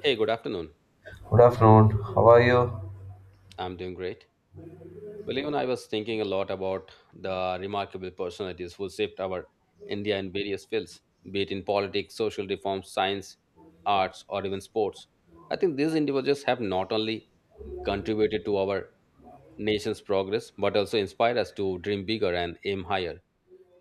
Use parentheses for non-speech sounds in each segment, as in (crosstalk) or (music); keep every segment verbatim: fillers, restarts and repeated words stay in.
Hey, good afternoon. Good afternoon. How are you? I'm doing great. Well, even I was thinking a lot about the remarkable personalities who shaped our India in various fields, be it in politics, social reform, science, arts, or even sports. I think these individuals have not only contributed to our nation's progress, but also inspired us to dream bigger and aim higher.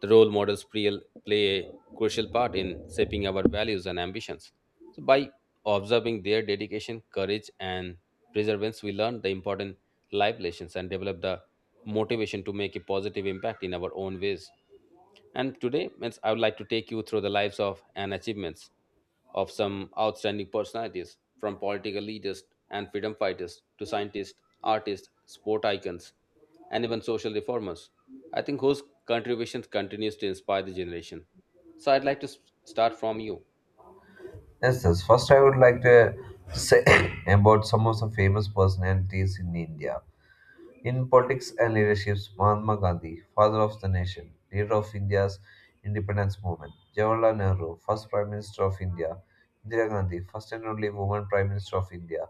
The role models play play a crucial part in shaping our values and ambitions. So by observing their dedication, courage, and perseverance, we learn the important life lessons and develop the motivation to make a positive impact in our own ways. And today, means I would like to take you through the lives of and achievements of some outstanding personalities, from political leaders and freedom fighters to scientists, artists, sport icons, and even social reformers. I think whose contributions continues to inspire the generation. So I'd like to s- start from you. Yes, yes. First, I would like to say (coughs) about some of the famous personalities in India. In politics and leadership, Mahatma Gandhi, father of the nation, leader of India's independence movement, Jawaharlal Nehru, first Prime Minister of India, Indira Gandhi, first and only woman Prime Minister of India,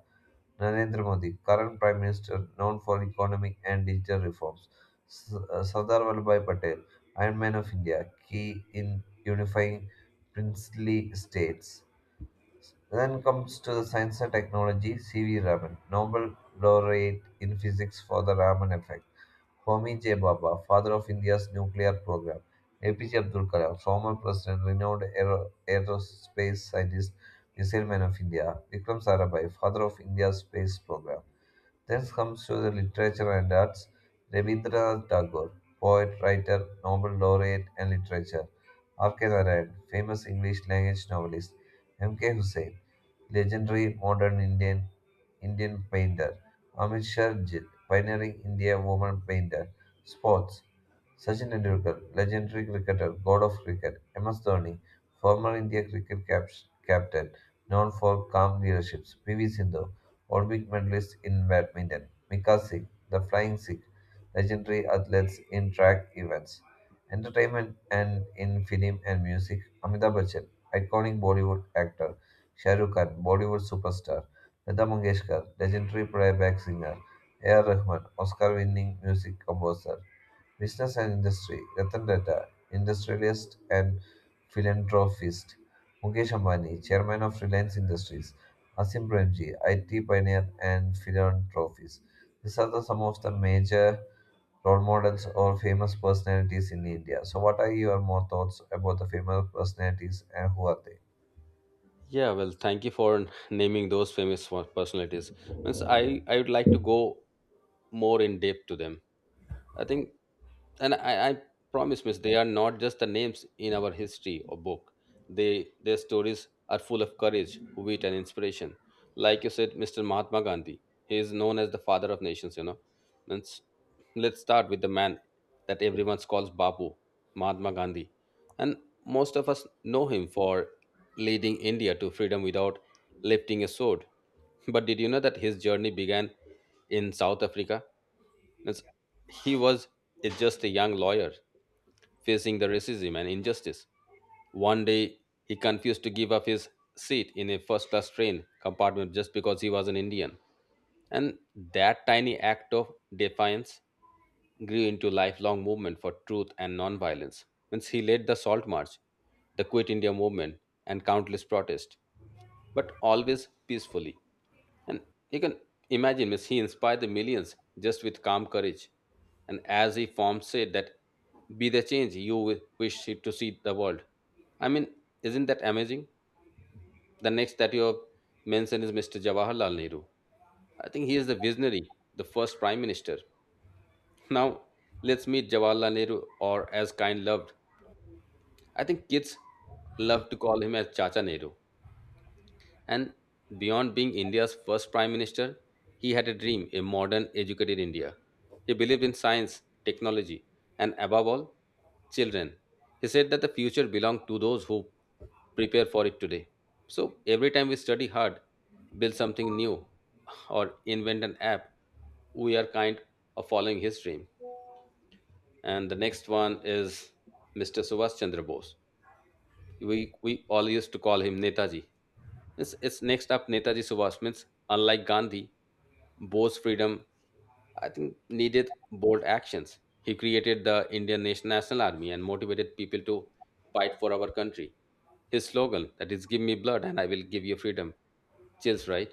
Narendra Modi, current Prime Minister known for economic and digital reforms, S- uh, Sardar Vallabhbhai Patel, Iron Man of India, key in unifying princely states. Then comes to the science and technology, C V. Raman, Nobel laureate in physics for the Raman effect. Homi J. Baba, father of India's nuclear program. A P J Abdul Kalam, former president, renowned aero- aerospace scientist, missile man of India. Vikram Sarabhai, father of India's space program. Then comes to the literature and arts, Rabindranath Tagore, poet, writer, Nobel laureate, and literature. R K. Narayan, famous English language novelist. M K. Hussain, legendary modern Indian Indian painter, amateur Jit, pioneering India woman painter, sports, Sachin Tendulkar, legendary cricketer, god of cricket, M S Dhoni, former India cricket cap- captain, known for calm leadership, P V Sindhu, Olympic medalist in badminton, Mika Singh, the flying Sikh, legendary athletes in track events. Entertainment and in film and music, Amitabh Bachchan, iconic Bollywood actor, Shah Rukh Khan, Bollywood superstar. Lata Mangeshkar, legendary playback singer. A. R. Rahman, Oscar-winning music composer. Business and industry. Ratan Tata, industrialist and philanthropist. Mukesh Ambani, chairman of Reliance Industries. Asim Premji, I T pioneer and philanthropist. These are the some of the major role models or famous personalities in India. So, what are your more thoughts about the famous personalities and who are they? Yeah, well, thank you for n- naming those famous wa- personalities. Means I, I would like to go more in depth to them. I think, and I, I promise, Miss, they are not just the names in our history or book. They, their stories are full of courage, wit, and inspiration. Like you said, Mister Mahatma Gandhi, he is known as the father of nations, you know. Let's, let's start with the man that everyone calls Babu, Mahatma Gandhi. And most of us know him for leading India to freedom without lifting a sword. But did you know that his journey began in South Africa? Means he was is just a young lawyer facing the racism and injustice. One day, he confused to give up his seat in a first class train compartment just because he was an Indian. And that tiny act of defiance grew into lifelong movement for truth and nonviolence. Means he led the Salt March, the Quit India movement, and countless protests, but always peacefully. And you can imagine, means he inspired the millions just with calm courage. And as he formed said that, be the change you wi- wish to see the world. I mean, isn't that amazing? The next that you have mentioned is Mister Jawaharlal Nehru. I think he is the visionary, the first prime minister. Now, let's meet Jawaharlal Nehru or as kind loved. I think kids love to call him as Chacha Nehru. And beyond being India's first prime minister, he had a dream a modern, educated India. He believed in science, technology, and above all, children. He said that the future belonged to those who prepare for it today. So every time we study hard, build something new, or invent an app, we are kind of following his dream. And the next one is Mister Subhash Chandra Bose we, we all used to call him Netaji. It's, it's next up Netaji Subhash means unlike Gandhi, Bose freedom I think needed bold actions. He created the Indian Nation- National Army and motivated people to fight for our country. His slogan that is "Give me blood and I will give you freedom." Chills, right?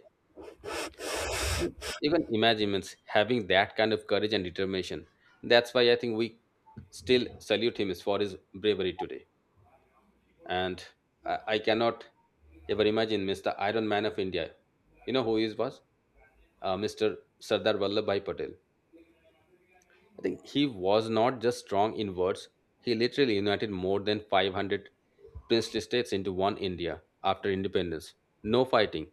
Even imagine means having that kind of courage and determination. That's why I think we still salute him is for his bravery today. And I, I cannot ever imagine Mister Iron Man of India. You know who he was? Uh, Mister Sardar Vallabhbhai Patel. I think he was not just strong in words; he literally united more than five hundred princely states into one India after independence. No fighting,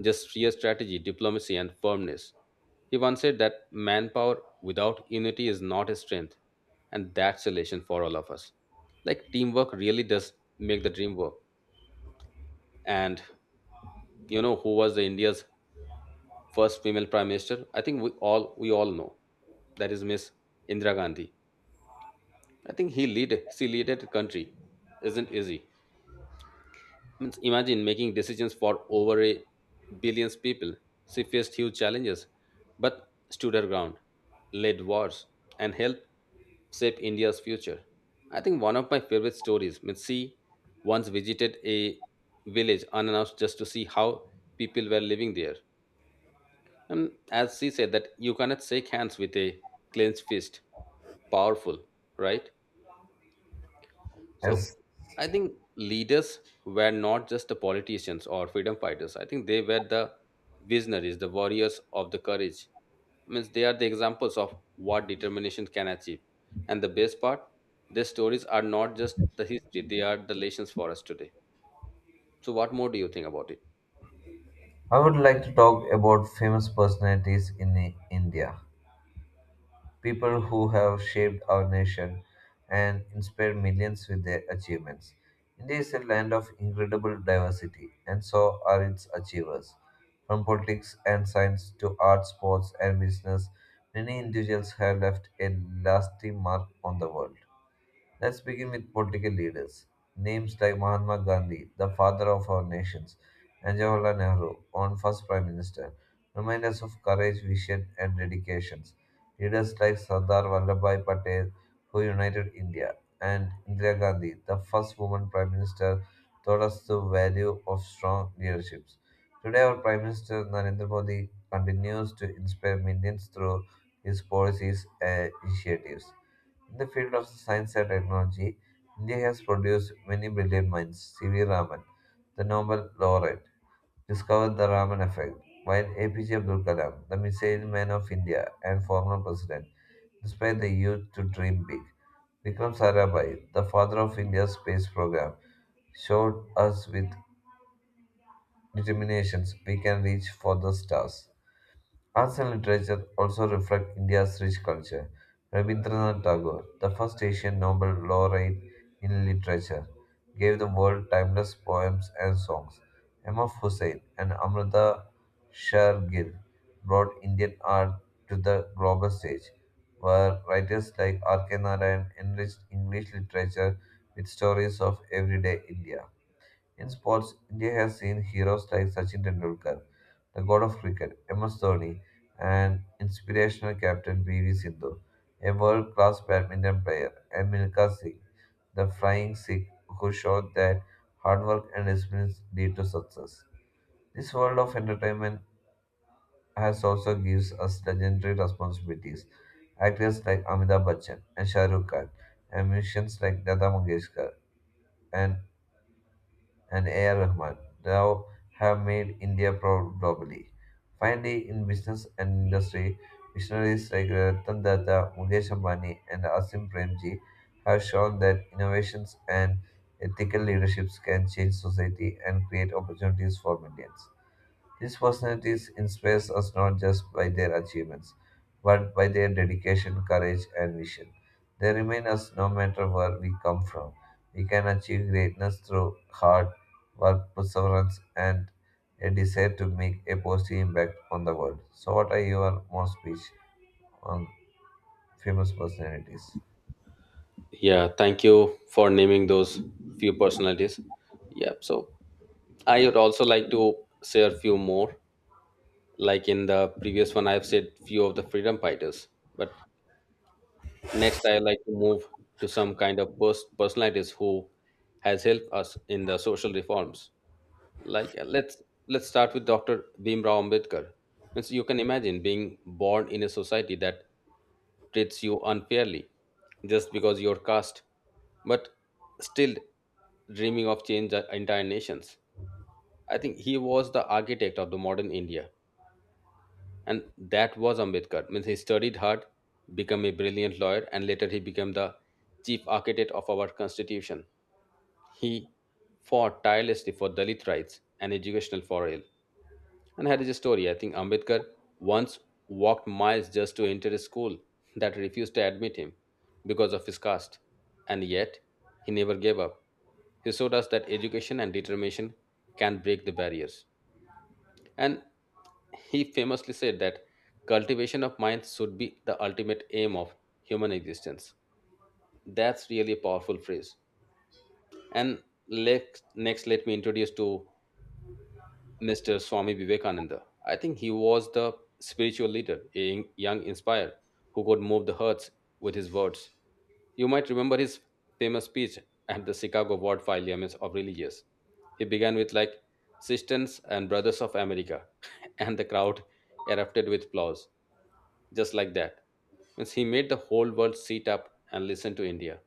just sheer strategy, diplomacy, and firmness. He once said that manpower without unity is not a strength, and that's a lesson for all of us. Like teamwork really does make the dream work. And you know who was the India's first female prime minister? I think we all we all know. That is Miss Indira Gandhi. I think he lead she leaded the country. Isn't easy. Means imagine making decisions for over a billions people. She faced huge challenges, but stood her ground, led wars, and helped shape India's future. I think one of my favorite stories, means she once visited a village unannounced just to see how people were living there. And as she said that you cannot shake hands with a clenched fist. Powerful, right? So Yes. I think leaders were not just the politicians or freedom fighters. I think they were the visionaries, the warriors of the courage. Means they are the examples of what determination can achieve. And the best part, their stories are not just the history, they are the lessons for us today. So what more do you think about it? I would like to talk about famous personalities in I- India, people who have shaped our nation and inspired millions with their achievements. India is a land of incredible diversity, and so are its achievers. From politics and science to art, sports, and business, many individuals have left a lasting mark on the world. Let's begin with political leaders. Names like Mahatma Gandhi, the father of our nations, and Jawaharlal Nehru, on first prime minister, remind us of courage, vision, and dedications. Leaders like Sardar Vallabhbhai Patel, who united India, and Indira Gandhi, the first woman prime minister, taught us the value of strong leaderships. Today, our Prime Minister Narendra Modi continues to inspire millions through his policies and initiatives. In the field of science and technology, India has produced many brilliant minds. C V. Raman, the Nobel laureate, discovered the Raman effect, while A P J Abdul Kalam, the missile man of India and former president, inspired the youth to dream big. Vikram Sarabhai, the father of India's space program, showed us with determinations we can reach for the stars. Arts and literature also reflect India's rich culture. Rabindranath Tagore, the first Asian Nobel laureate in literature, gave the world timeless poems and songs. Ahmed Hussain and Amrita sher Shergill brought Indian art to the global stage, where writers like R K. Narayan enriched English literature with stories of everyday India. In sports, India has seen heroes like Sachin Tendulkar, the god of cricket, M S Dhoni, and inspirational captain P V Sindhu, a world-class badminton player, and Milka Singh, the flying Sikh who showed that hard work and discipline lead to success. This world of entertainment has also gives us legendary responsibilities. Actors like Amitabh Bachchan and Shah Rukh Khan, and musicians like Lata Mangeshkar and and A R. Rahman now have made India proud globally. Finally, in business and industry, visionaries like Ratan Tata, Mukesh Ambani, and Asim Premji have shown that innovations and ethical leaderships can change society and create opportunities for millions. These personalities inspire us not just by their achievements, but by their dedication, courage, and vision. They remind us no matter where we come from, we can achieve greatness through hard work, perseverance, and a desire to make a positive impact on the world. So, what are your more speech on famous personalities? Yeah, thank you for naming those few personalities. Yeah, so I would also like to share a few more. Like in the previous one, I've said few of the freedom fighters. But next, I like to move to some kind of pers- personalities who has helped us in the social reforms. Like uh, let's let's start with Doctor Bhimrao Ambedkar. Means you can imagine being born in a society that treats you unfairly just because you're caste, but still dreaming of change the entire nations. I think he was the architect of the modern India, and that was Ambedkar. Means he studied hard, became a brilliant lawyer, and later he became the chief architect of our constitution. He fought tirelessly for Dalit rights and educational for all. And here is a story. I think Ambedkar once walked miles just to enter a school that refused to admit him because of his caste, and yet he never gave up. He showed us that education and determination can break the barriers. And he famously said that cultivation of minds should be the ultimate aim of human existence. That's really a powerful phrase. And let, next, let me introduce to Mister Swami Vivekananda. I think he was the spiritual leader, a young inspired who could move the hearts with his words. You might remember his famous speech at the Chicago World Parliament of Religious. He began with like, "Sisters and brothers of America," (laughs) and the crowd erupted with applause. Just like that. Means he made the whole world sit up and listen to India.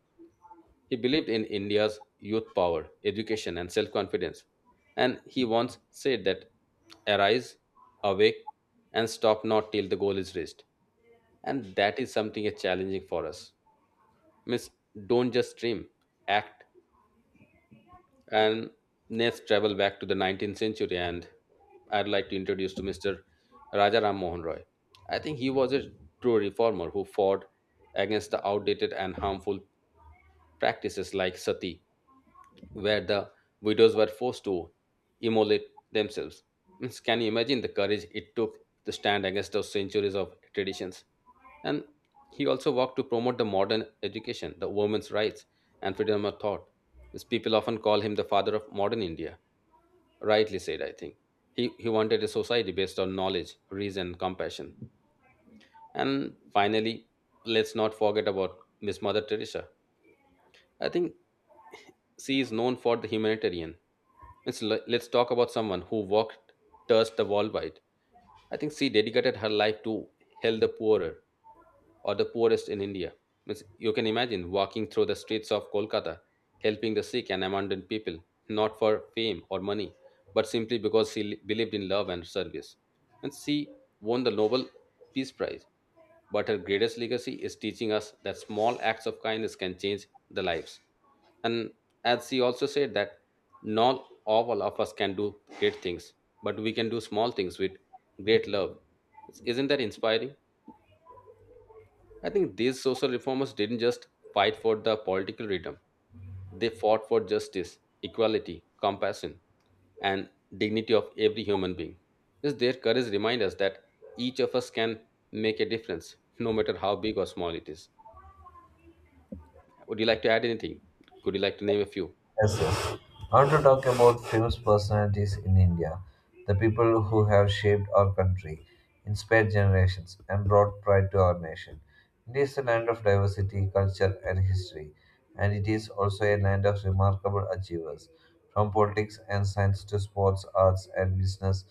He believed in India's youth power, education, and self confidence. And he once said that arise, awake, and stop not till the goal is reached. And that is something is challenging for us. Means don't just dream, act, and let's travel back to the nineteenth century, and I'd like to introduce to Mr. Rajaram Mohan Roy. I think he was a true reformer who fought against the outdated and harmful practices like sati, where the widows were forced to immolate themselves. Means, can you imagine the courage it took to stand against those centuries of traditions? And he also worked to promote the modern education, the women's rights, and freedom of thought, as people often call him the father of modern India, rightly said, I think. He, he wanted a society based on knowledge, reason, compassion. And finally, let's not forget about Miss Mother Teresa. I think she is known for the humanitarian. Let's, let's talk about someone who walked, touched the world wide. I think she dedicated her life to help the poorer, or the poorest in India. Means you can imagine walking through the streets of Kolkata, helping the sick and abandoned people, not for fame or money, but simply because she li- believed in love and service. And she won the Nobel Peace Prize. But her greatest legacy is teaching us that small acts of kindness can change the lives. And as she also said that not all of us can do great things, but we can do small things with great love. Isn't that inspiring? I think these social reformers didn't just fight for the political freedom, they fought for justice, equality, compassion, and dignity of every human being. Just their courage reminds us that each of us can make a difference, no matter how big or small it is. Would you like to add anything? Could you like to name a few? Yes, yes. I want to talk about famous personalities in India, the people who have shaped our country, inspired generations, and brought pride to our nation. India is a land of diversity, culture, and history, and it is also a land of remarkable achievers. From politics and science to sports, arts, and business,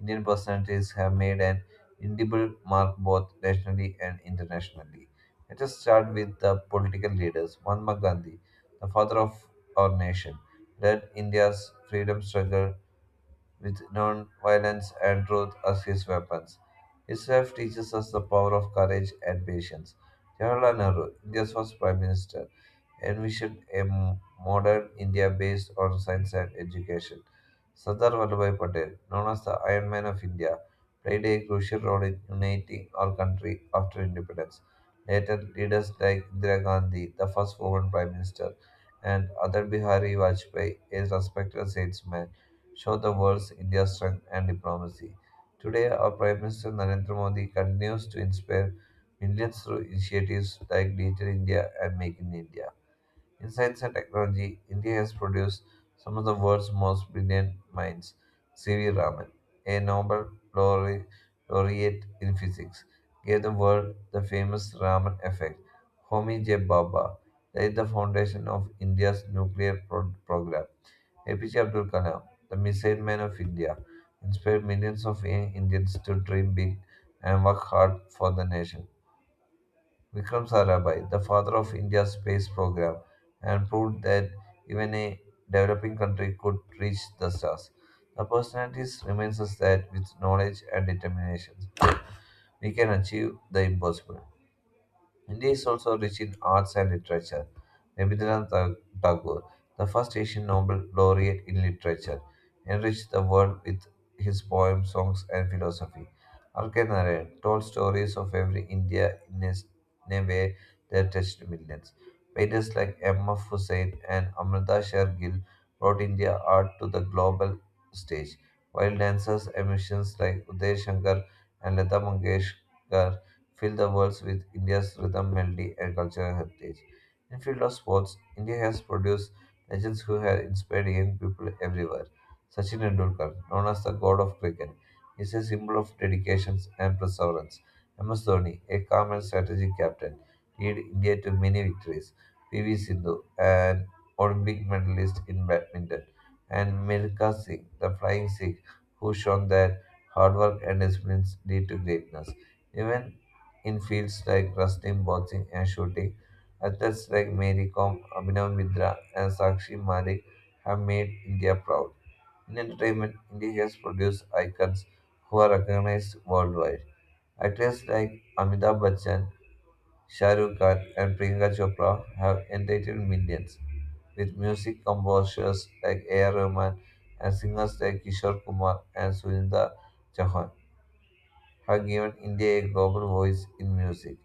Indian personalities have made an indelible mark both nationally and internationally. Let us start with the political leaders. Mahatma Gandhi, the father of our nation, led India's freedom struggle with non-violence and truth as his weapons. His life teaches us the power of courage and patience. Jawaharlal Nehru, India's first Prime Minister, envisioned a m- modern India based on science and education. Sardar Vallabhbhai Patel, known as the Iron Man of India, played a crucial role in uniting our country after independence. Later, leaders like Indira Gandhi, the first woman Prime Minister, and Adar Bihari Vajpayee, a respected statesman, show the world India's strength and diplomacy. Today, our Prime Minister Narendra Modi continues to inspire millions through initiatives like Digital India and Make in India. In science and technology, India has produced some of the world's most brilliant minds. C V. Raman, a Nobel laureate laureate in physics, gave the world the famous Raman effect. Homi J. Bhabha laid the foundation of India's nuclear pro- program. A P J Abdul Kalam, the missile man of India, inspired millions of young Indians to dream big and work hard for the nation. Vikram Sarabhai, the father of India's space program, and proved that even a developing country could reach the stars. The personalities reminds us that with knowledge and determination, we can achieve the impossible. India is also rich in arts and literature. Rabindranath Ta- Tagore, the first Asian Nobel laureate in literature, enriched the world with his poems, songs, and philosophy. R. K. Narayan told stories of every India in a, s- in a way that touched millions. Painters like M. F. Hussain and Amrita Sher Gill brought India art to the global stage, while dancers and musicians like Uday Shankar and Lata Mangeshkar fill the world with India's rhythm, melody, and cultural heritage. In field of sports, India has produced legends who have inspired young people everywhere. Sachin Tendulkar, known as the god of cricket, is a symbol of dedication and perseverance. M S Dhoni, a calm and strategic captain, led India to many victories. P V Sindhu, an Olympic medalist in badminton, and Milka Singh, the flying Sikh, who shown that hard work and discipline lead to greatness. Even in fields like wrestling, boxing, and shooting. Athletes like Mary Kom, Abhinav Mitra, and Sakshi Malik have made India proud. In entertainment, India has produced icons who are recognized worldwide. Actors like Amitabh Bachchan, Shah Rukh Khan, and Priyanka Chopra have entertained millions, with music composers like A. R. Rahman and singers like Kishore Kumar and Sunita Chauhan have given India a global voice in music.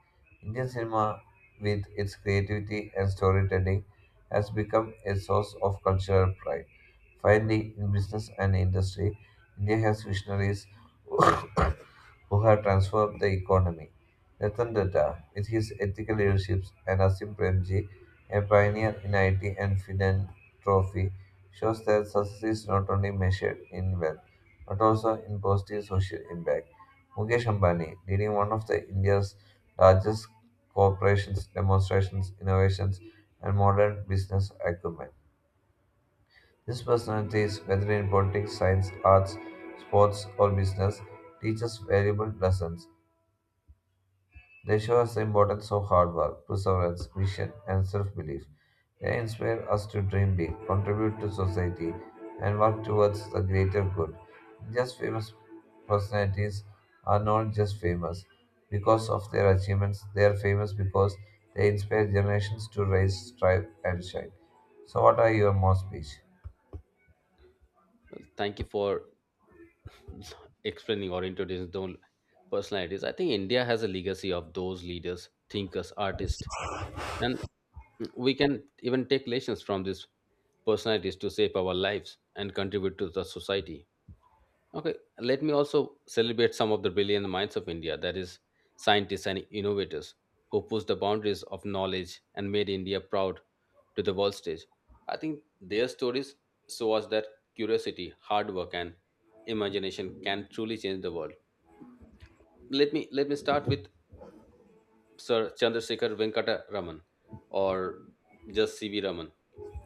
Indian cinema, with its creativity and storytelling, has become a source of cultural pride. Finally, in business and industry, India has visionaries (coughs) who have transformed the economy. Ratan Tata, with his ethical leadership, and Asim Premji, a pioneer in I T and philanthropy, shows that success is not only measured in wealth, but also in positive social impact. Mukesh Ambani, leading one of the India's largest corporations, demonstrations, innovations, and modern business acumen. These personalities, whether in politics, science, arts, sports, or business, teach us valuable lessons they show us the importance of hard work, perseverance, vision, and self belief. They inspire us to dream big, contribute to society, and work towards the greater good. Just famous personalities are not just famous because of their achievements, they are famous because they inspire generations to rise, strive, and shine. So, what are your more speech? Well, thank you for explaining or introducing those personalities. I think India has a legacy of those leaders, thinkers, artists, and we can even take lessons from these personalities to shape our lives and contribute to the society. Okay, let me also celebrate some of the brilliant minds of India, that is, scientists and innovators who pushed the boundaries of knowledge and made India proud to the world stage. I think their stories show us that curiosity, hard work, and imagination can truly change the world. Let me let me start with Sir Chandrasekhar Venkata Raman or just C V. Raman.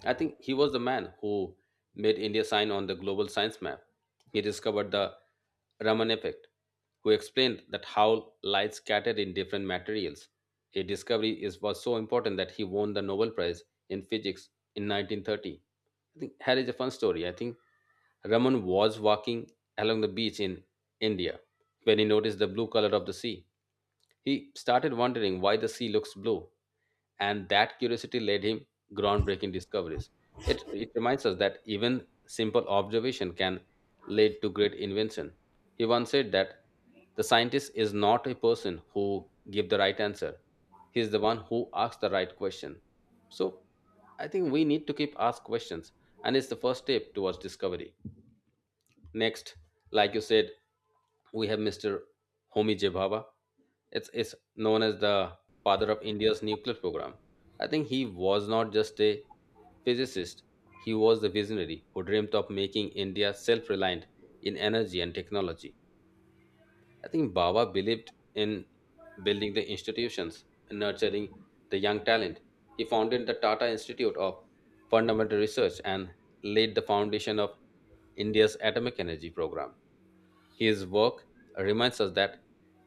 I think he was the man who made India sign on the global science map. He discovered the Raman effect, who explained that how light scattered in different materials. A discovery is, was so important that he won the Nobel Prize in physics in nineteen thirty. I think here is a fun story. I think Raman was walking along the beach in India when he noticed the blue color of the sea. He started wondering why the sea looks blue, and that curiosity led him groundbreaking discoveries. It, it reminds us that even simple observation can lead to great invention. He once said that the scientist is not a person who give the right answer. He is the one who asks the right question. So I think we need to keep ask questions, and it's the first step towards discovery. Next, like you said, we have mister Homi J. Bhabha. It's, it's known as the father of India's nuclear program. I think he was not just a physicist, he was the visionary who dreamt of making India self reliant in energy and technology. I think Baba believed in building the institutions and nurturing the young talent. He founded the Tata Institute of Fundamental Research and laid the foundation of India's atomic energy program. His work reminds us that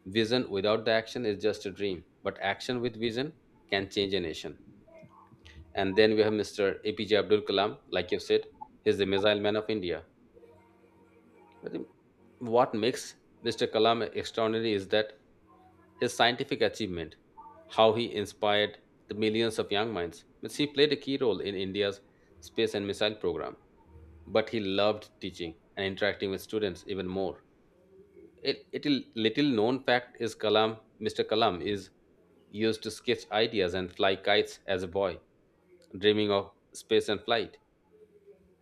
vision without the action is just a dream, but action with vision can change a nation. And then we have mister A P J Abdul Kalam, like you said, he's the missile man of India. I think what makes mister Kalam extraordinary is that his scientific achievement, how he inspired the millions of young minds. Means he played a key role in India's space and missile program, but he loved teaching and interacting with students even more. It, it little little known fact is Kalam, mister Kalam is used to sketch ideas and fly kites as a boy, dreaming of space and flight.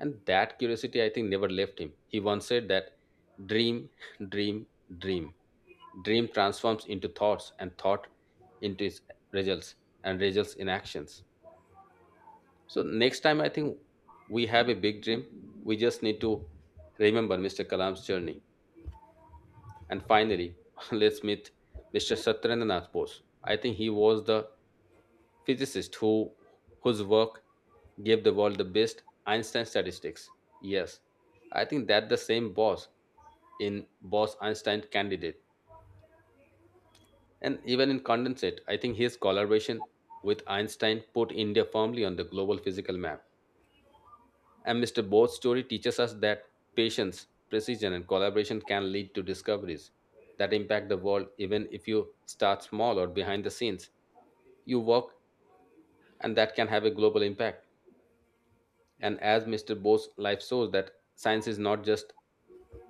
And that curiosity, I think, never left him. He once said that dream, (laughs) dream, dream. Dream transforms into thoughts and thought into its results, and results in actions. So, next time, I think we have a big dream. We just need to remember mister Kalam's journey. And finally, (laughs) let's meet mister Satyendranath Bose. I think he was the physicist who whose work gave the world the best Einstein statistics. Yes, I think that the same Bose in Bose Einstein candidate. And even in condensate, I think his collaboration with Einstein put India firmly on the global physical map. And mister Board's story teaches us that patience, precision, and collaboration can lead to discoveries that impact the world, even if you start small or behind the scenes. You work, and that can have a global impact. And as mister Bose's life shows, that science is not just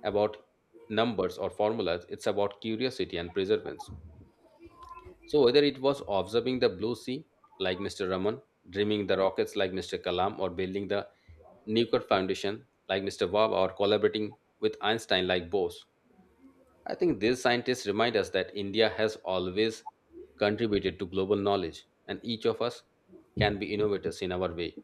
about numbers or formulas, it's about curiosity and perseverance. So whether it was observing the blue sea like mister Raman, dreaming the rockets like mister Kalam, or building the nuclear foundation like mister Bob, or collaborating with Einstein like Bose, I think these scientists remind us that India has always contributed to global knowledge, and each of us can be innovators in our way.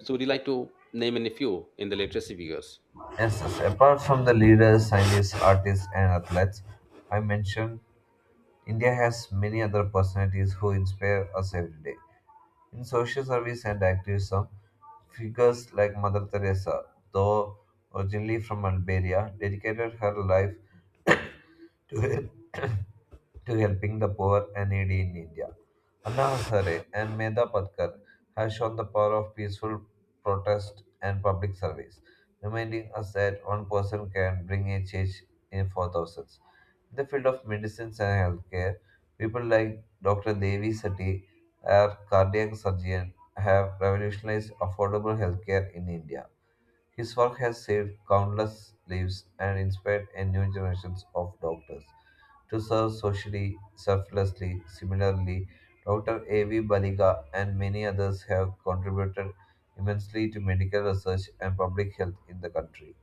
So would you like to name any few in the literacy figures? Yes, yes. Apart from the leaders, scientists, artists, and athletes, I mentioned India has many other personalities who inspire us every day. In social service and activism, figures like Mother Teresa, though originally from Albania, dedicated her life to (coughs) to helping the poor and needy in India. Anna Hazare and Medha Patkar have shown the power of peaceful protest and public service, reminding us that one person can bring a change in four thousands. In the field of medicines and healthcare, people like doctor Devi Sethi, a cardiac surgeon, have revolutionized affordable healthcare in India. His work has saved countless lives and inspired a new generation of doctors to serve socially, selflessly. Similarly, doctor A V. Baliga and many others have contributed immensely to medical research and public health in the country.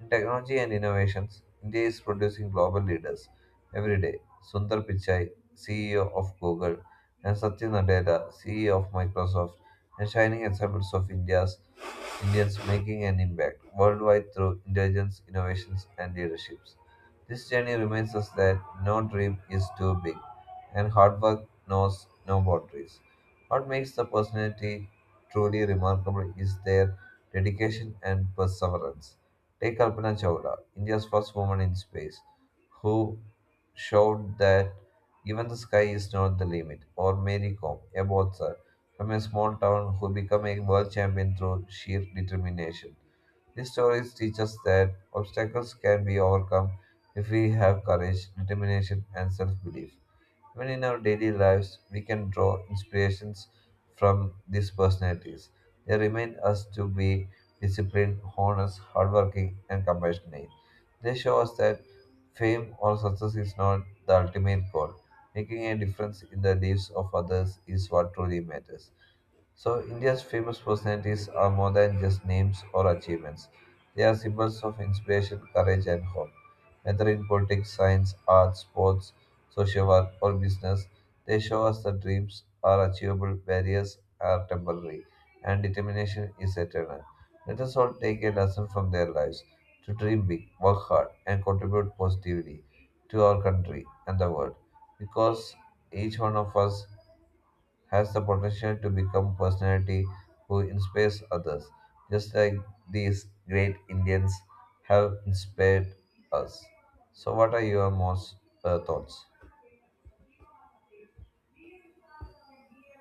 In technology and innovations, India is producing global leaders every day. Sundar Pichai, C E O of Google, and Satya Nadella, C E O of Microsoft, and shining examples of India's Indians making an impact worldwide through intelligence, innovations, and leaderships. This journey reminds us that no dream is too big, and hard work knows no boundaries. What makes the personality truly remarkable is their dedication and perseverance. Take Kalpana Chawla, India's first woman in space, who showed that even the sky is not the limit, or Mary Kom, a boxer from a small town who become a world champion through sheer determination. These stories teach us that obstacles can be overcome if we have courage, determination, and self belief. Even in our daily lives, we can draw inspirations from these personalities. They remind us to be disciplined, honest, hardworking, and compassionate. They show us that fame or success is not the ultimate goal. Making a difference in the lives of others is what truly matters. So, India's famous personalities are more than just names or achievements. They are symbols of inspiration, courage, and hope. Whether in politics, science, arts, sports, social work, or business, they show us that dreams are achievable, barriers are temporary, and determination is eternal. Let us all take a lesson from their lives to dream big, work hard, and contribute positively to our country and the world. Because each one of us has the potential to become personality who inspires others, just like these great Indians have inspired us. So, what are your most uh, thoughts?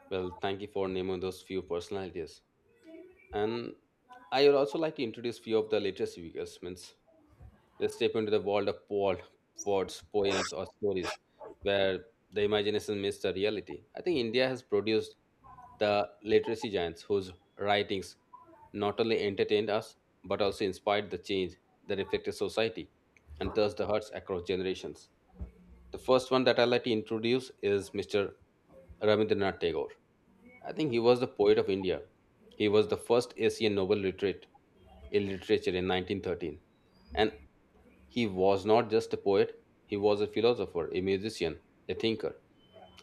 Well, thank you for naming those few personalities. And I would also like to introduce few of the literacy figures. Means let's step into the world of Paul Ford's poems or stories, where the imagination meets the reality. I think India has produced the literacy giants whose writings not only entertained us but also inspired the change that affected society and thus the hearts across generations. The first one that I'd like to introduce is mister Rabindranath Tagore. I think he was the poet of India. He was the first Asian Nobel laureate in literature in nineteen thirteen. And he was not just a poet, he was a philosopher, a musician, a thinker.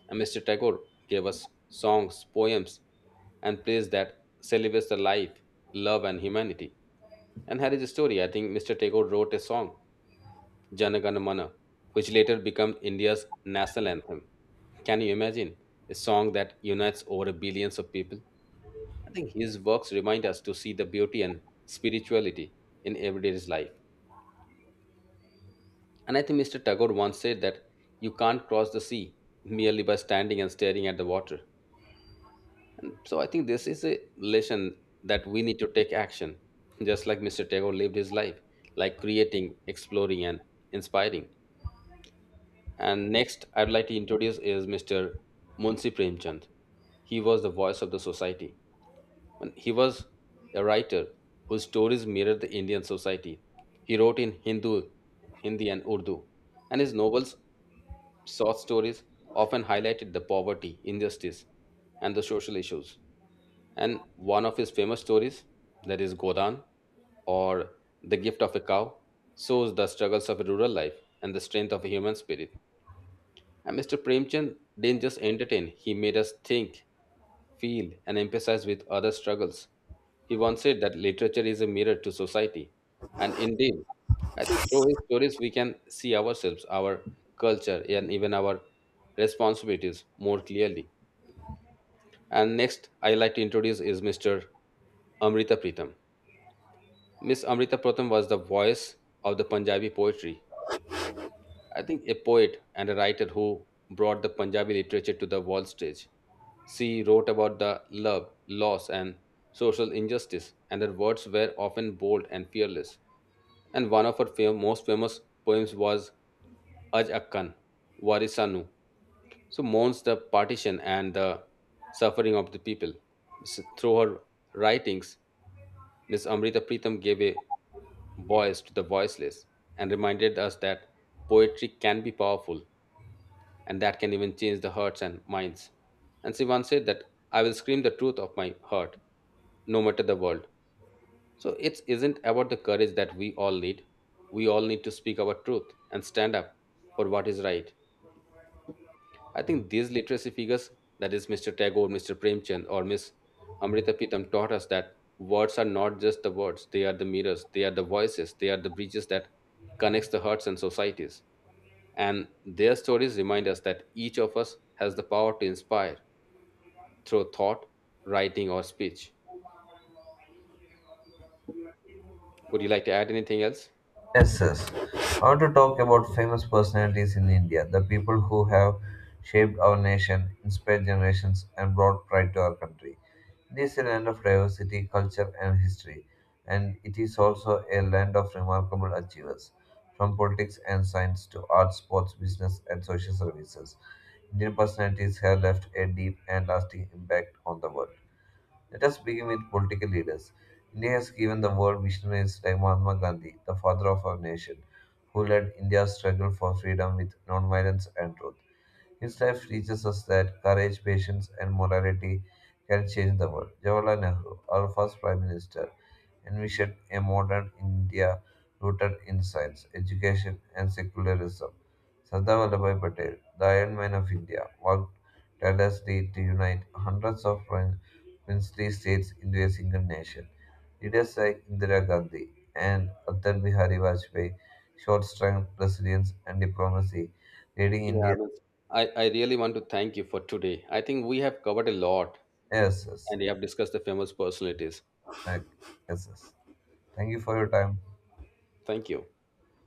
And mister Tagore gave us songs, poems, and plays that celebrates the life, love, and humanity. And here is a story. I think mister Tagore wrote a song, Jana Gana Mana, which later became India's national anthem. Can you imagine? A song that unites over billions of people. I think his works remind us to see the beauty and spirituality in everyday life. And I think mister Tagore once said that you can't cross the sea merely by standing and staring at the water. And so I think this is a lesson that we need to take action, just like mister Tagore lived his life, like creating, exploring, and inspiring. And next, I'd like to introduce is mister Munshi Premchand. He was the voice of the society. And he was a writer whose stories mirrored the Indian society. He wrote in Hindu, Hindi, and Urdu, and his novels short stories often highlighted the poverty, injustice, and the social issues. And one of his famous stories, that is Godan, or The Gift of a Cow, shows the struggles of a rural life and the strength of a human spirit. And mister Premchand didn't just entertain, he made us think, feel, and empathize with other struggles. He once said that literature is a mirror to society. And indeed, I think through his stories, we can see ourselves, our culture, and even our responsibilities more clearly. And next, I like to introduce is mister Amrita Pritam. Miss Amrita Pritam was the voice of the Punjabi poetry, I think, a poet and a writer who brought the Punjabi literature to the world stage. She wrote about the love, loss, and social injustice, and her words were often bold and fearless. And one of her fam- most famous poems was Aj Akkan, Warisanu. So mourns the partition and the suffering of the people. So through her writings, Miss Amrita Pritam gave a voice to the voiceless and reminded us that poetry can be powerful, and that can even change the hearts and minds. And she said that I will scream the truth of my heart, no matter the world. So it isn't about the courage that we all need. We all need to speak our truth and stand up for what is right. I think these literacy figures, that is mister Tagore, mister Premchand, or Miss Amrita Pitam, taught us that words are not just the words; they are the mirrors, they are the voices, they are the bridges that connects the hearts and societies. And their stories remind us that each of us has the power to inspire through thought, writing, or speech. Would you like to add anything else? Yes, yes. I want to talk about famous personalities in India, the people who have shaped our nation, inspired generations, and brought pride to our country. It is a land of diversity, culture, and history, and it is also a land of remarkable achievers, from politics and science to art, sports, business, and social services. Indian personalities have left a deep and lasting impact on the world. Let us begin with political leaders. India has given the world visionaries like Mahatma Gandhi, the father of our nation, who led India's struggle for freedom with nonviolence and truth. His life teaches us that courage, patience, and morality can change the world. Jawaharlal Nehru, our first Prime Minister, envisioned a modern India rooted in science, education, and secularism. Sardar Vallabhbhai Patel, the Iron Man of India, worked tirelessly to unite hundreds of prin- princely states into a single nation. Leaders like Indira Gandhi and Atal Bihari Vajpayee showed strength, resilience, and diplomacy, leading Yeah, India. Vince. I, I really want to thank you for today. I think we have covered a lot Yes, yes. and we have discussed the famous personalities. Thank, yes, yes. Thank you for your time. Thank you.